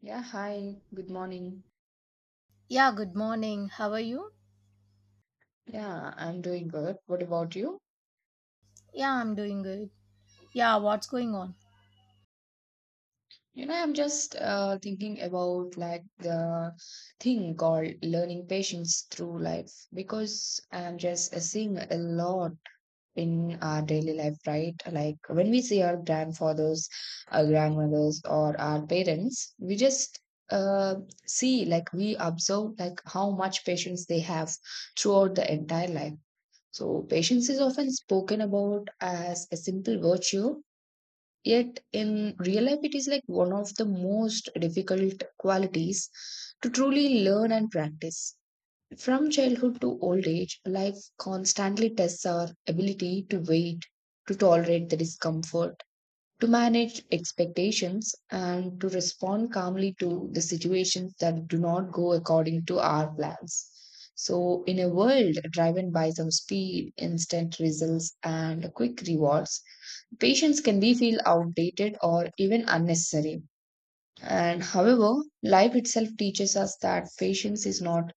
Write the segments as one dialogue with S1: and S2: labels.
S1: Yeah, hi, good morning.
S2: Yeah, good morning. How are you?
S1: Yeah, I'm doing good. What about you?
S2: Yeah, I'm doing good. Yeah, what's going on?
S1: You know, I'm just thinking about like the thing called learning patience through life because I'm just seeing a lot in our daily life, right? Like when we see our grandfathers, our grandmothers, or our parents, we just uh, see like we observe like how much patience they have throughout the entire life. So, patience is often spoken about as a simple virtue, yet in real life, it is like one of the most difficult qualities to truly learn and practice. From childhood to old age, life constantly tests our ability to wait, to tolerate the discomfort, to manage expectations and to respond calmly to the situations that do not go according to our plans. So, in a world driven by some speed, instant results, and quick rewards, patience can be feel outdated or even unnecessary. And however, life itself teaches us that patience is not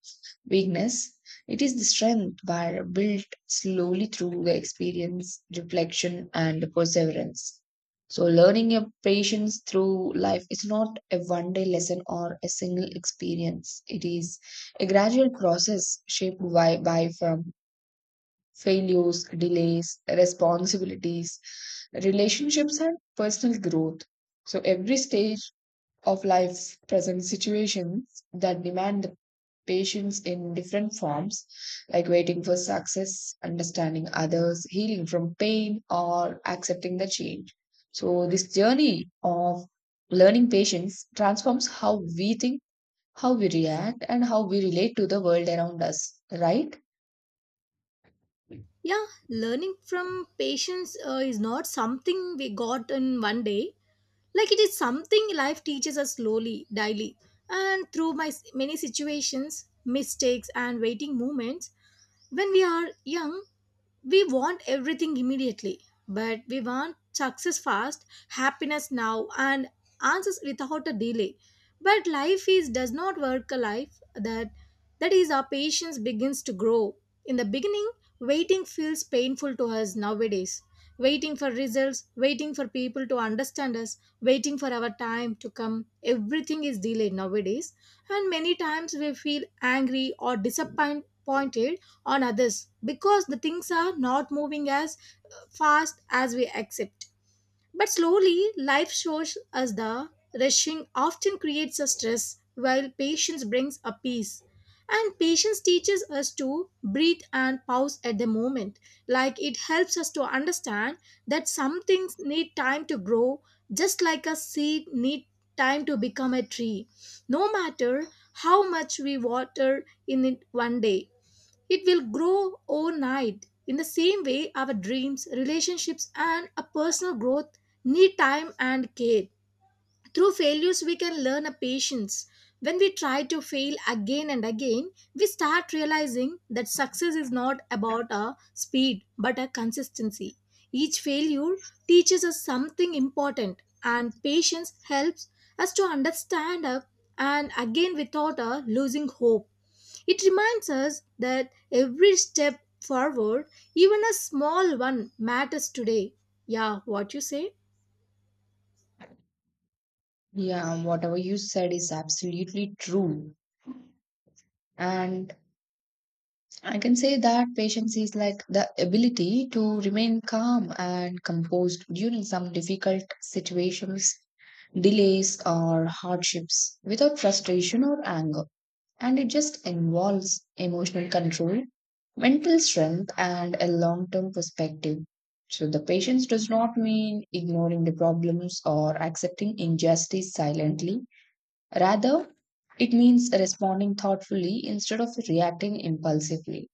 S1: weakness, it is the strength by built slowly through the experience, reflection, and perseverance. So, learning a patience through life is not a one day lesson or a single experience. It is a gradual process shaped by from failures, delays, responsibilities, relationships, and personal growth. So, every stage of life present situations that demand the patience in different forms, like waiting for success, understanding others, healing from pain, or accepting the change. So, this journey of learning patience transforms how we think, how we react, and how we relate to the world around us, right?
S2: Yeah, learning from patience is not something we got in one day. Like it is something life teaches us slowly, daily. And through my many situations, mistakes, and waiting moments, when we are young, we want everything immediately, but we want success fast, happiness now, and answers without a delay. But life is does not work a life that that is our patience begins to grow. In the beginning, waiting feels painful to us nowadays. Waiting for results, waiting for people to understand us, waiting for our time to come. Everything is delayed nowadays, and many times we feel angry or disappointed on others because the things are not moving as fast as we accept. But slowly, life shows us the rushing often creates a stress, while patience brings a peace. And patience teaches us to breathe and pause at the moment. Like it helps us to understand that some things need time to grow, just like a seed need time to become a tree. No matter how much we water in it one day, it will grow overnight. In the same way, our dreams, relationships, and a personal growth need time and care. Through failures, we can learn a patience. When we try to fail again and again, we start realizing that success is not about a speed but a consistency. Each failure teaches us something important, and patience helps us to understand up and again without losing hope. It reminds us that every step forward, even a small one, matters today. Yeah, what you say?
S1: Yeah, whatever you said is absolutely true. And I can say that patience is like the ability to remain calm and composed during some difficult situations, delays, or hardships without frustration or anger. And it just involves emotional control, mental strength, and a long term perspective. So, the patience does not mean ignoring the problems or accepting injustice silently. Rather, it means responding thoughtfully instead of reacting impulsively.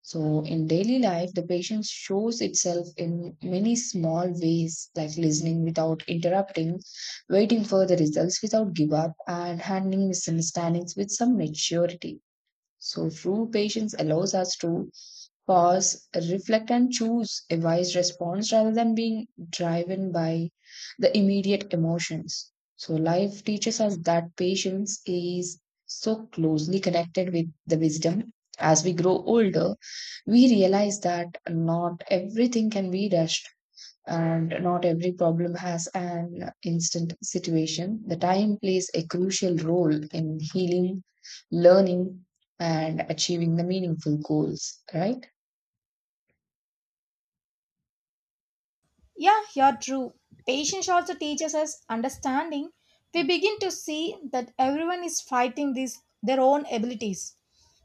S1: So, in daily life, the patience shows itself in many small ways, like listening without interrupting, waiting for the results without give up, and handling misunderstandings with some maturity. So, true patience allows us to pause, reflect, and choose a wise response rather than being driven by the immediate emotions. So, life teaches us that patience is so closely connected with the wisdom as we grow older we realize that not everything can be rushed and not every problem has an instant situation. The time plays a crucial role in healing, learning, and achieving the meaningful goals, right?
S2: Yeah, you're true. Patience also teaches us understanding. We begin to see that everyone is fighting these their own abilities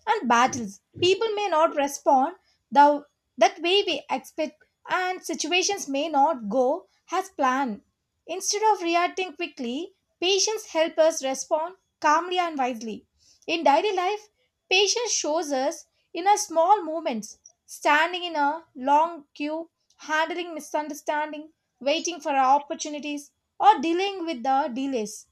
S2: and battles. People may not respond the that way we expect, and situations may not go as planned. Instead of reacting quickly, patience helps us respond calmly and wisely. In daily life, patience shows us in our small moments, standing in a long queue, handling misunderstanding, waiting for our opportunities, or dealing with the delays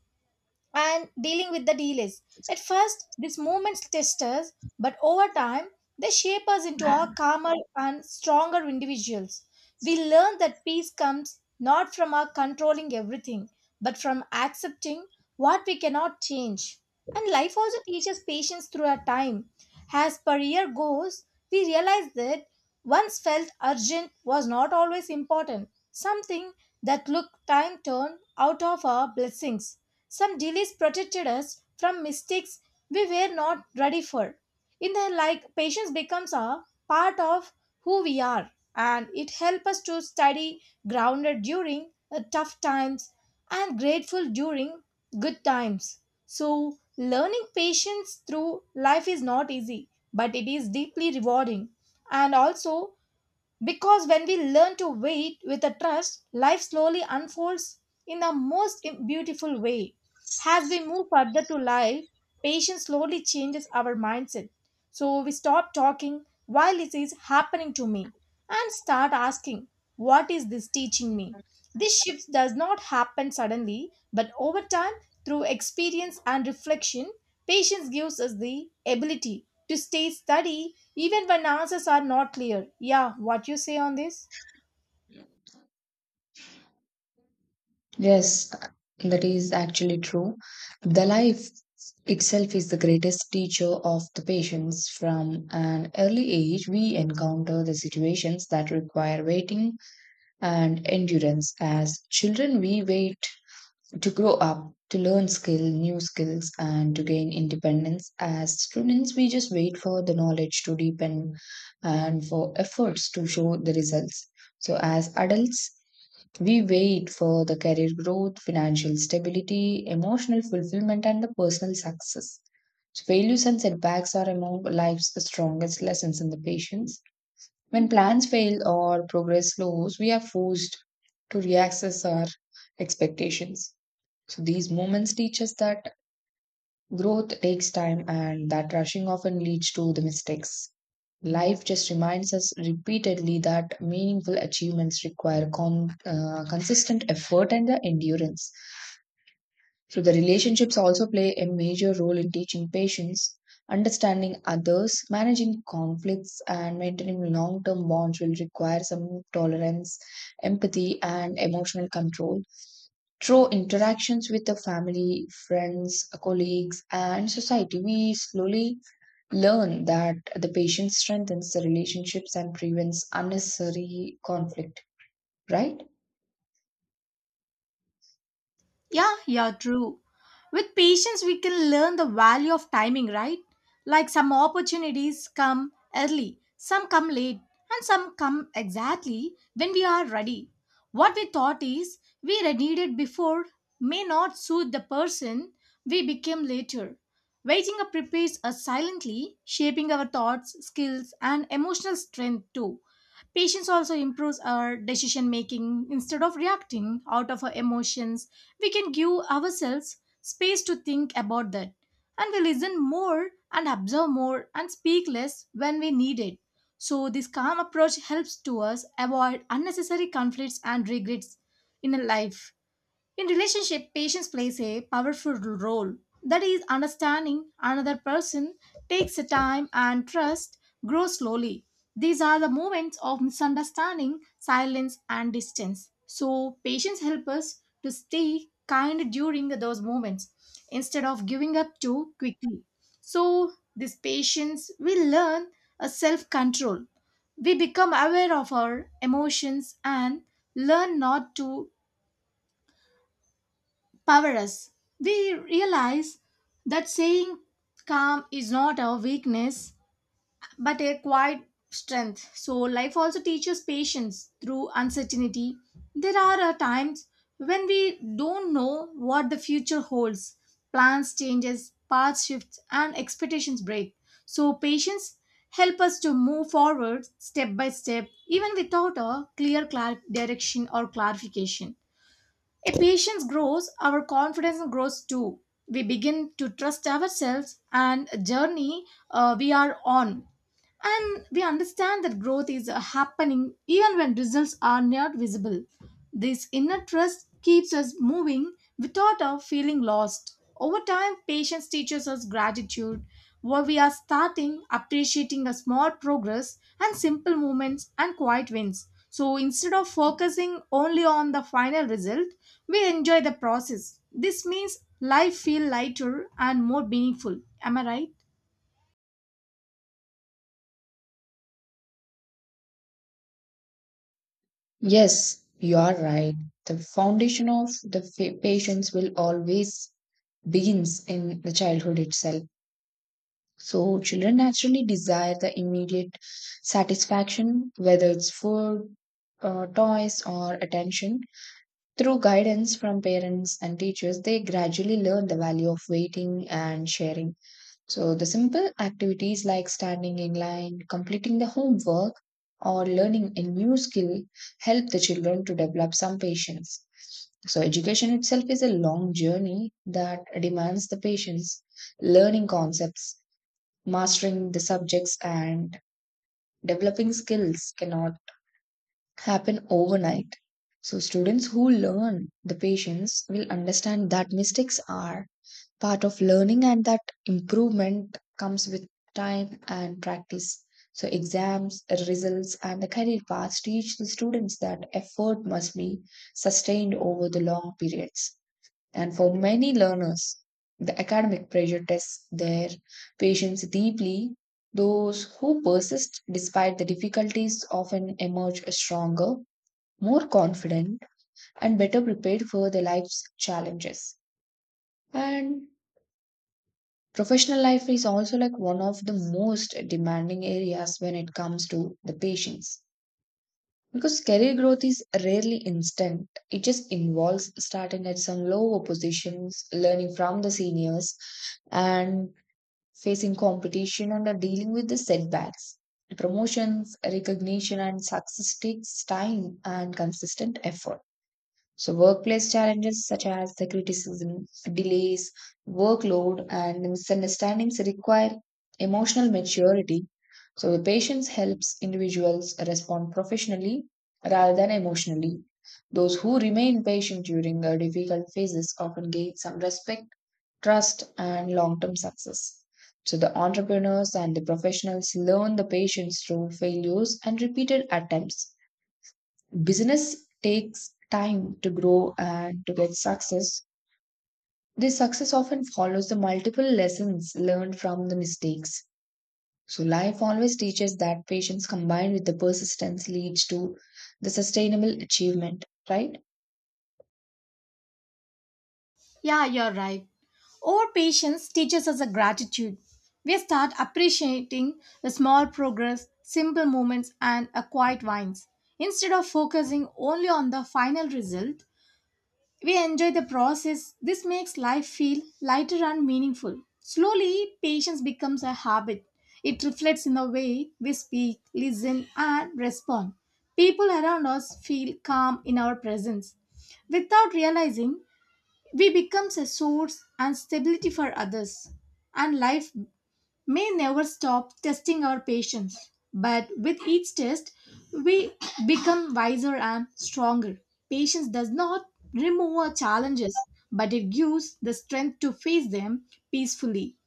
S2: and dealing with the delays. At first, these moments test us, but over time, they shape us into our calmer and stronger individuals. We learn that peace comes not from our controlling everything, but from accepting what we cannot change. And life also teaches patience through our time. As per year goes, we realize that once felt urgent was not always important, something that looked time turned out of our blessings. Some delays protected us from mistakes we were not ready for. In the like, patience becomes a part of who we are, and it helps us to study grounded during tough times and grateful during good times. So, learning patience through life is not easy, but it is deeply rewarding and also because when we learn to wait with a trust, life slowly unfolds in the most beautiful way. As we move further to life, patience slowly changes our mindset. So we stop talking while it is happening to me and start asking, what is this teaching me? This shift does not happen suddenly, but over time, through experience and reflection, patience gives us the ability to stay steady even when answers are not clear. Yeah, what you say on this?
S1: Yes, that is actually true. The life itself is the greatest teacher of the patients. From an early age, we encounter the situations that require waiting and endurance. As children, we wait to grow up, to learn skill, new skills, and to gain independence. As students, we just wait for the knowledge to deepen and for efforts to show the results. So as adults, we wait for the career growth, financial stability, emotional fulfillment, and the personal success. So failures and setbacks are among life's strongest lessons in the patience. When plans fail or progress slows, we are forced to reassess our expectations. So these moments teach us that growth takes time and that rushing often leads to the mistakes. Life just reminds us repeatedly that meaningful achievements require consistent effort and the endurance. So the relationships also play a major role in teaching patience, understanding others, managing conflicts, and maintaining long-term bonds will require some tolerance, empathy, and emotional control. Through interactions with the family, friends, colleagues, and society, we slowly learn that the patient strengthens the relationships and prevents unnecessary conflict, right?
S2: Yeah, yeah, true. With patience, we can learn the value of timing, right? Like some opportunities come early, some come late, and some come exactly when we are ready. What we thought is we needed before may not suit the person we became later. Waiting up prepares us silently, shaping our thoughts, skills, and emotional strength too. Patience also improves our decision making. Instead of reacting out of our emotions, we can give ourselves space to think about that. And we listen more and observe more and speak less when we need it. So, this calm approach helps to us avoid unnecessary conflicts and regrets in a life. In relationship, patience plays a powerful role. That is, understanding another person takes time and trust grows slowly. These are the moments of misunderstanding, silence, and distance. So, patience helps us to stay kind during those moments instead of giving up too quickly. So, this patience will learn a self control. We become aware of our emotions and learn not to power us. We realize that saying calm is not a weakness but a quiet strength. So, life also teaches patience through uncertainty. There are times when we don't know what the future holds. Plans changes, paths shift, and expectations break. So, patience help us to move forward step by step even without a clear direction or clarification a patience grows, our confidence grows too. We begin to trust ourselves and journey we are on and we understand that growth is happening even when results are not visible. This inner trust keeps us moving without our feeling lost. Over time, patience teaches us gratitude, where we are starting appreciating a small progress and simple movements and quiet wins. So instead of focusing only on the final result, we enjoy the process. This means life feel lighter and more meaningful. Am I right?
S1: Yes, you are right. The foundation of the patience will always begins in the childhood itself. So children naturally desire the immediate satisfaction, whether it's food, toys, or attention. Through guidance from parents and teachers, they gradually learn the value of waiting and sharing. So, the simple activities like standing in line, completing the homework, or learning a new skill help the children to develop some patience. So, education itself is a long journey that demands the patience, learning concepts, mastering the subjects, and developing skills cannot happen overnight. So, students who learn the patience will understand that mistakes are part of learning and that improvement comes with time and practice. So, exams, results, and the career paths teach the students that effort must be sustained over the long periods. And for many learners, the academic pressure tests their patience deeply. Those who persist despite the difficulties often emerge stronger, more confident, and better prepared for their life's challenges. And professional life is also like one of the most demanding areas when it comes to the patients. Because career growth is rarely instant, it just involves starting at some lower positions, learning from the seniors, and facing competition and are dealing with the setbacks. Promotions, recognition, and success takes time and consistent effort. So, workplace challenges such as the criticism, delays, workload, and misunderstandings require emotional maturity. So, the patience helps individuals respond professionally rather than emotionally. Those who remain patient during the difficult phases often gain some respect, trust, and long term success. So, the entrepreneurs and the professionals learn the patience through failures and repeated attempts business takes time to grow and to get success. This success often follows the multiple lessons learned from the mistakes. So, life always teaches that patience combined with the persistence leads to the sustainable achievement, right?
S2: Yeah, you're right. Our patience teaches us a gratitude. We start appreciating the small progress, simple moments, and a quiet wines. Instead of focusing only on the final result, we enjoy the process. This makes life feel lighter and meaningful. Slowly, patience becomes a habit. It reflects in the way we speak, listen, and respond. People around us feel calm in our presence. Without realizing, we becomes a source and stability for others, and life may never stop testing our patience. But with each test, we become wiser and stronger. Patience does not remove our challenges, but it gives the strength to face them peacefully.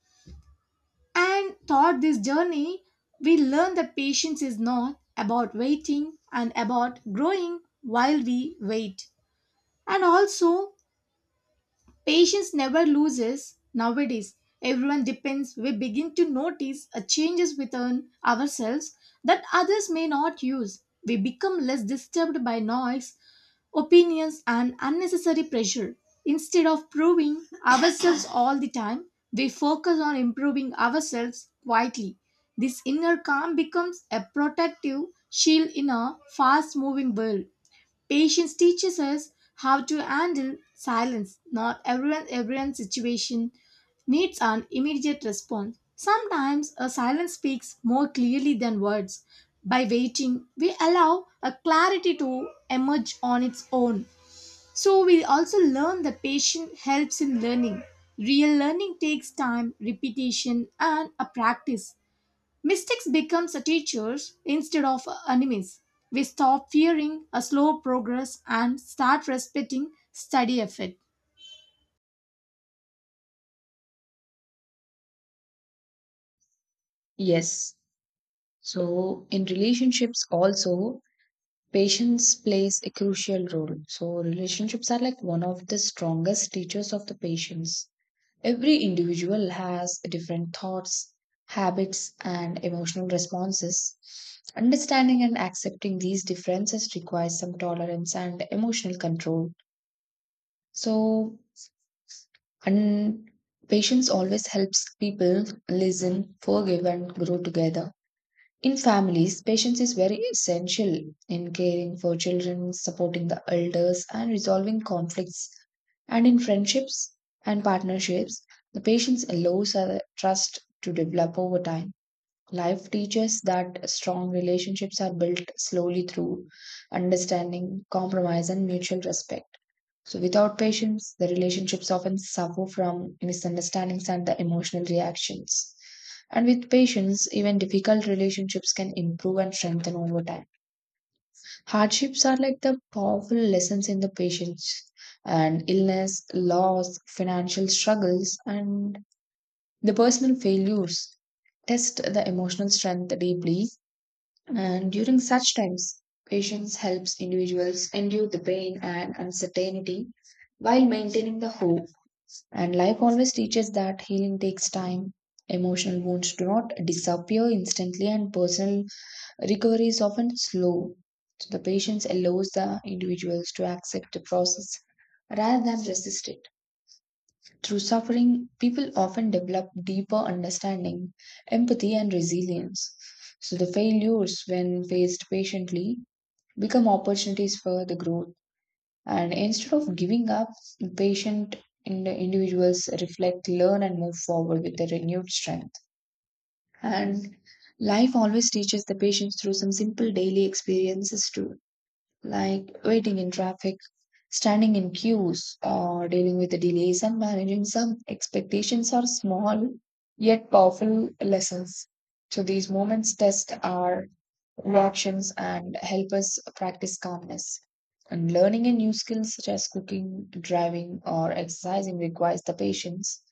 S2: And throughout this journey, we learn that patience is not about waiting and about growing while we wait. And also, patience never loses nowadays. Everyone depends. We begin to notice a changes within ourselves that others may not use. We become less disturbed by noise, opinions, and unnecessary pressure. Instead of proving ourselves all the time, we focus on improving ourselves quietly. This inner calm becomes a protective shield in a fast moving world. Patience teaches us how to handle silence. Not everyone's situation needs an immediate response. Sometimes a silence speaks more clearly than words. By waiting, we allow a clarity to emerge on its own. So we also learn that patience helps in learning. Real learning takes time, repetition, and a practice. Mistakes become a teachers instead of enemies. We stop fearing a slow progress and start respecting steady effort.
S1: Yes. So, in relationships, also, patience plays a crucial role. So, relationships are like one of the strongest teachers of the patience. Every individual has different thoughts, habits, and emotional responses. Understanding and accepting these differences requires some tolerance and emotional control. So, and patience always helps people listen, forgive, and grow together. In families, patience is very essential in caring for children, supporting the elders, and resolving conflicts. And in friendships and partnerships, the patience allows a trust to develop over time. Life teaches that strong relationships are built slowly through understanding, compromise, and mutual respect. So, without patience, the relationships often suffer from misunderstandings and the emotional reactions. And with patience, even difficult relationships can improve and strengthen over time. Hardships are like the powerful lessons in the patience, and illness, loss, financial struggles, and the personal failures test the emotional strength deeply. And during such times, patience helps individuals endure the pain and uncertainty while maintaining the hope and life always teaches that healing takes time. Emotional wounds do not disappear instantly, and personal recovery is often slow. So, the patience allows the individuals to accept the process rather than resist it. Through suffering, people often develop deeper understanding, empathy, and resilience. So, the failures, when faced patiently, become opportunities for the growth. And instead of giving up, patient in the individuals reflect, learn, and move forward with a renewed strength. And life always teaches the patients through some simple daily experiences too, like waiting in traffic, standing in queues, or dealing with the delays and managing some expectations are small yet powerful lessons. So these moments test our reactions and help us practice calmness. And learning a new skill such as cooking, driving, or exercising requires the patience.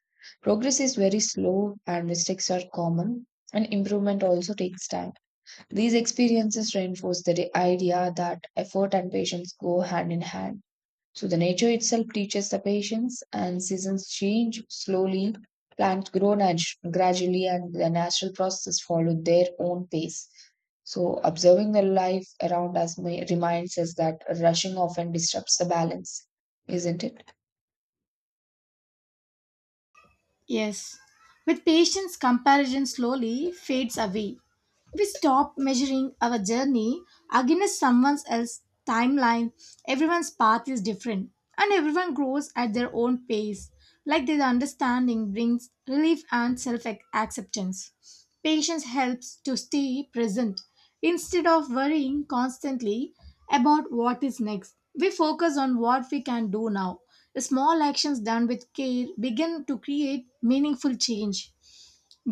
S1: Progress is very slow and mistakes are common, and improvement also takes time. These experiences reinforce the idea that effort and patience go hand in hand. So, the nature itself teaches the patience, and seasons change slowly, plants grow gradually, and the natural processes follow their own pace. So, observing the life around us may, reminds us that rushing often disrupts the balance, isn't it?
S2: Yes. With patience, comparison slowly fades away. We stop measuring our journey against someone else's timeline. Everyone's path is different and everyone grows at their own pace. Like this understanding brings relief and self acceptance. Patience helps to stay present. Instead of worrying constantly about what is next, we focus on what we can do now. Small actions done with care begin to create meaningful change.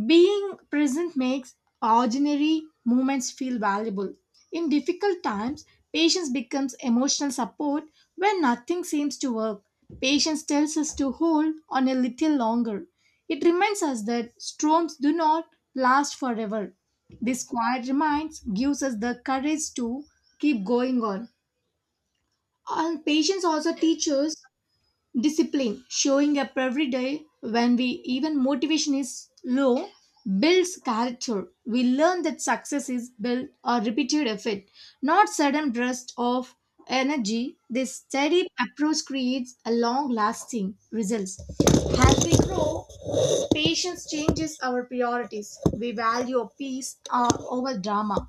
S2: Being present makes ordinary moments feel valuable. In difficult times, patience becomes emotional support when nothing seems to work. Patience tells us to hold on a little longer. It reminds us that storms do not last forever. This quiet reminds gives us the courage to keep going on. And patience also teaches discipline, showing up every day when we even motivation is low, builds character. We learn that success is built or repeated effort, not sudden bursts of energy. This steady approach creates a long-lasting results. As we grow, patience changes our priorities. We value peace over drama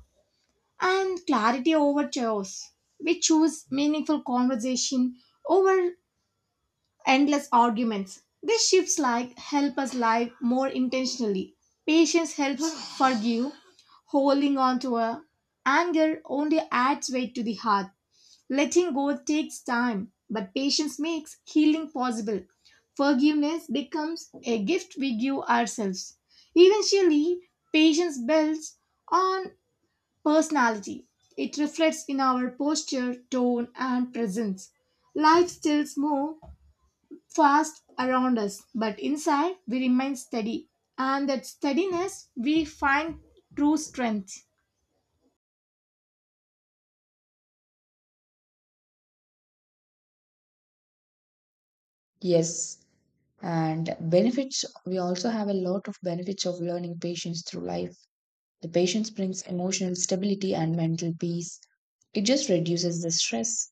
S2: and clarity over chaos. We choose meaningful conversation over endless arguments. These shifts like help us live more intentionally. Patience helps forgive. Holding on to a anger only adds weight to the heart. Letting go takes time, but patience makes healing possible. Forgiveness becomes a gift we give ourselves. Eventually, patience builds on personality. It reflects in our posture, tone, and presence. Life still moves fast around us, but inside we remain steady. And that steadiness we find true strength.
S1: Yes. And benefits, we also have a lot of benefits of learning patience through life. The patience brings emotional stability and mental peace. It just reduces the stress,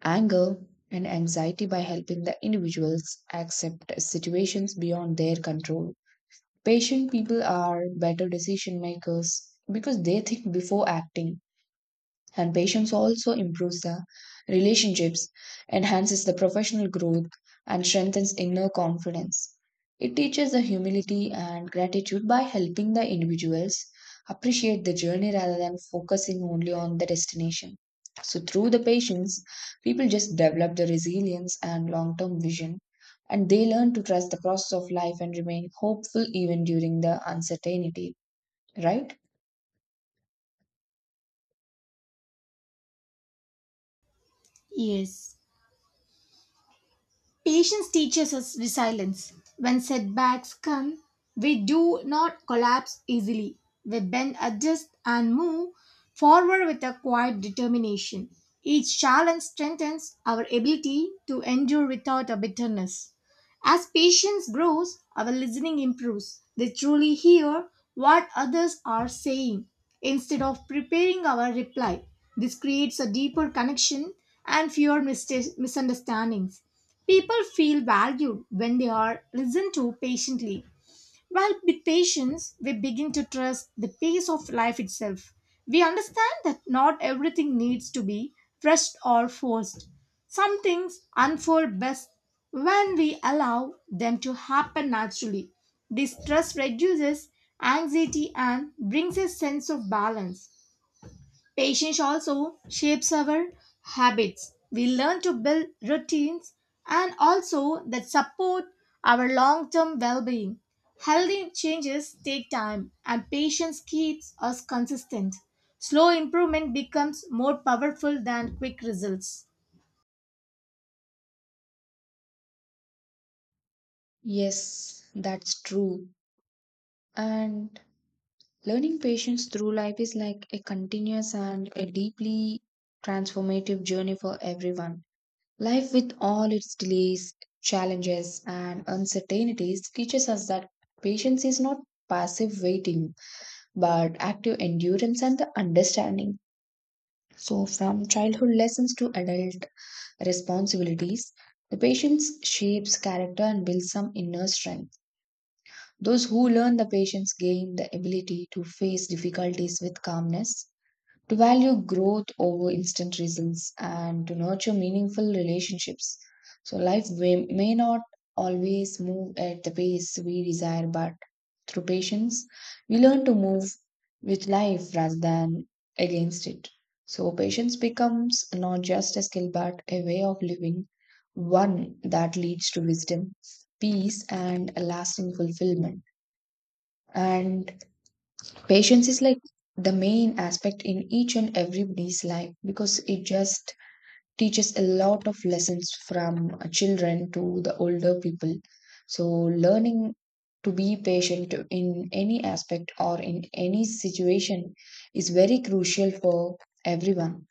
S1: anger, and anxiety by helping the individuals accept situations beyond their control. Patient people are better decision makers because they think before acting and patience also improves the relationships, enhances the professional growth, and strengthens inner confidence. It teaches the humility and gratitude by helping the individuals appreciate the journey rather than focusing only on the destination. So, through the patience, people just develop the resilience and long term vision, and they learn to trust the process of life and remain hopeful even during the uncertainty, right?
S2: Yes. Patience teaches us resilience. When setbacks come, we do not collapse easily. We bend, adjust, and move forward with a quiet determination. Each challenge strengthens our ability to endure without a bitterness. As patience grows, our listening improves. They truly hear what others are saying instead of preparing our reply. This creates a deeper connection and fewer misunderstandings. People feel valued when they are listened to patiently. While with patience, we begin to trust the pace of life itself. We understand that not everything needs to be rushed or forced. Some things unfold best when we allow them to happen naturally. This trust reduces anxiety and brings a sense of balance. Patience also shapes our habits. We learn to build routines and also that support our long term well being. Healthy changes take time, and patience keeps us consistent. Slow improvement becomes more powerful than quick results.
S1: Yes, that's true. And learning patience through life is like a continuous and a deeply transformative journey for everyone. Life, with all its delays, challenges, and uncertainties, teaches us that patience is not passive waiting but active endurance and the understanding. So, from childhood lessons to adult responsibilities, the patience shapes character and builds some inner strength. Those who learn the patience gain the ability to face difficulties with calmness to value growth over instant results and to nurture meaningful relationships. So, life may not always move at the pace we desire, but through patience, we learn to move with life rather than against it. So, patience becomes not just a skill but a way of living, one that leads to wisdom, peace, and a lasting fulfillment. And patience is like the main aspect in each and everybody's life because it just teaches a lot of lessons from children to the older people. So, learning to be patient in any aspect or in any situation is very crucial for everyone.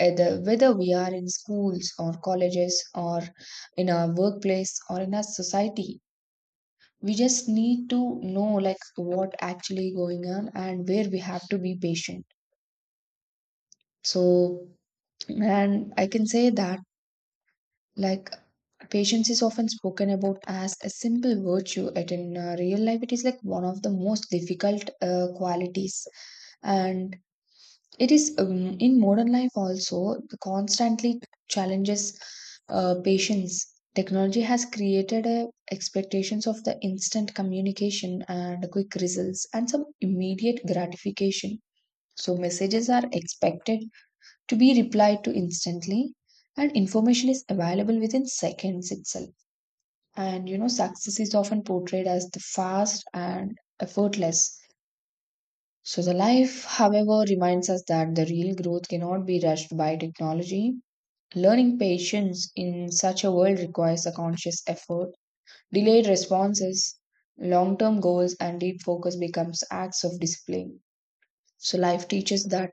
S1: Either, whether we are in schools or colleges or in our workplace or in our society, we just need to know like what actually going on and where we have to be patient so and I can say that like patience is often spoken about as a simple virtue, yet in real life it is like one of the most difficult qualities. And it is in modern life also the constantly challenges patience. Technology has created a expectations of the instant communication and quick results and some immediate gratification. So messages are expected to be replied to instantly, and information is available within seconds itself. And you know, success is often portrayed as the fast and effortless so, the life, however, reminds us that the real growth cannot be rushed by technology. Learning patience in such a world requires a conscious effort, delayed responses, long term goals, and deep focus becomes acts of discipline. So, life teaches that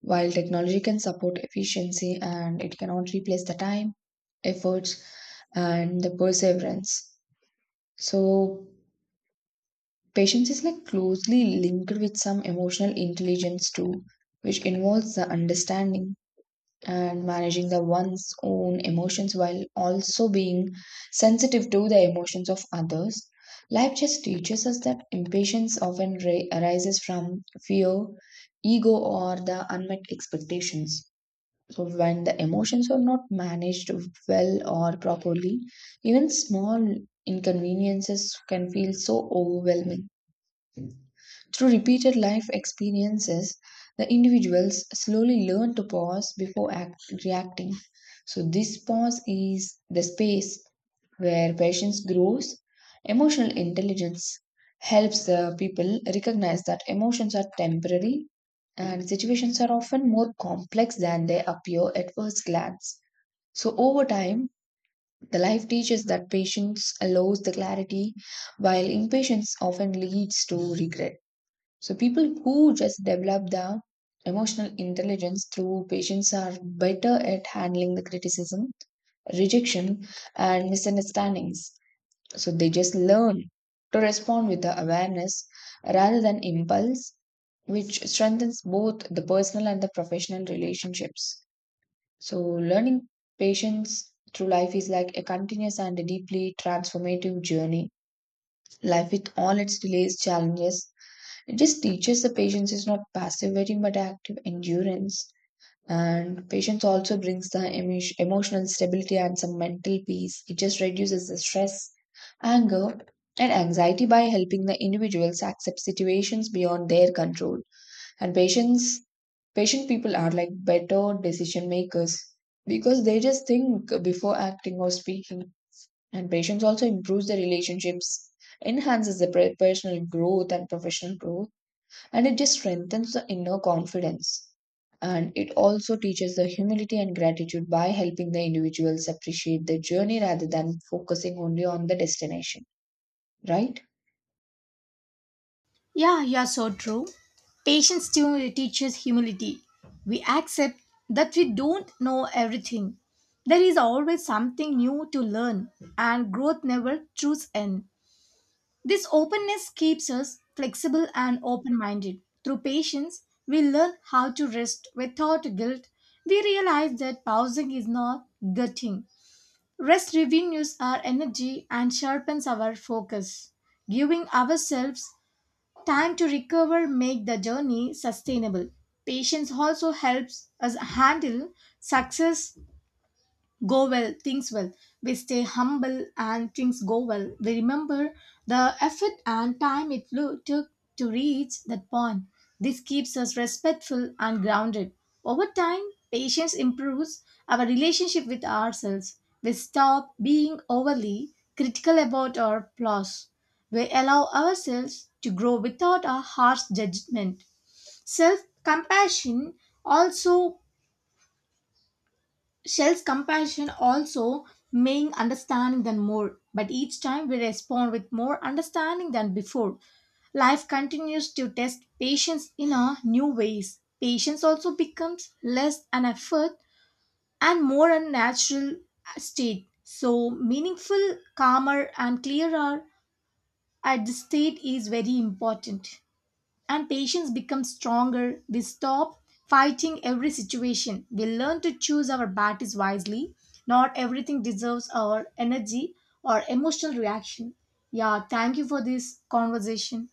S1: while technology can support efficiency and it cannot replace the time, efforts, and the perseverance. So, patience is like closely linked with some emotional intelligence too, which involves the understanding and managing the one's own emotions while also being sensitive to the emotions of others. Life just teaches us that impatience often arises from fear, ego, or the unmet expectations. So, when the emotions are not managed well or properly, even small inconveniences can feel so overwhelming. Through repeated life experiences, the individuals slowly learn to pause before reacting. So, this pause is the space where patience grows. Emotional intelligence helps the people recognize that emotions are temporary and situations are often more complex than they appear at first glance. So, over time, the life teaches that patience allows the clarity, while impatience often leads to regret. So people who just develop the emotional intelligence through patience are better at handling the criticism, rejection, and misunderstandings. So they just learn to respond with the awareness rather than impulse, which strengthens both the personal and the professional relationships. So learning patience through life is like a continuous and a deeply transformative journey. Life with all its delays, challenges, it just teaches the patience is not passive waiting but active endurance. And patience also brings the emotional stability and some mental peace. It just reduces the stress, anger, and anxiety by helping the individuals accept situations beyond their control. And patient people are like better decision makers because they just think before acting or speaking. And patience also improves the relationships, enhances the personal growth and professional growth and it just strengthens the inner confidence. And it also teaches the humility and gratitude by helping the individuals appreciate their journey rather than focusing only on the destination, right?
S2: Yeah, you're so true. Patience too teaches humility. We accept that we don't know everything. There is always something new to learn, and growth never trues end. This openness keeps us flexible and open minded. Through patience, we learn how to rest without guilt. We realize that pausing is not gutting. Rest revenues our energy and sharpens our focus. Giving ourselves time to recover make the journey sustainable. Patience also helps us handle success go well, things well. We stay humble and things go well. We remember the effort and time it flew, took to reach that point. This keeps us respectful and grounded. Over time, patience improves our relationship with ourselves. We stop being overly critical about our flaws. We allow ourselves to grow without a harsh judgment. Self compassion also Shell's compassion also means understanding than more, but each time we respond with more understanding than before. Life continues to test patience in a new ways. Patience also becomes less an effort and more a natural state. So meaningful, calmer and clearer at this state is very important and patience becomes stronger. We stop fighting every situation. We learn to choose our battles wisely. Not everything deserves our energy or emotional reaction. Yeah, thank you for this conversation.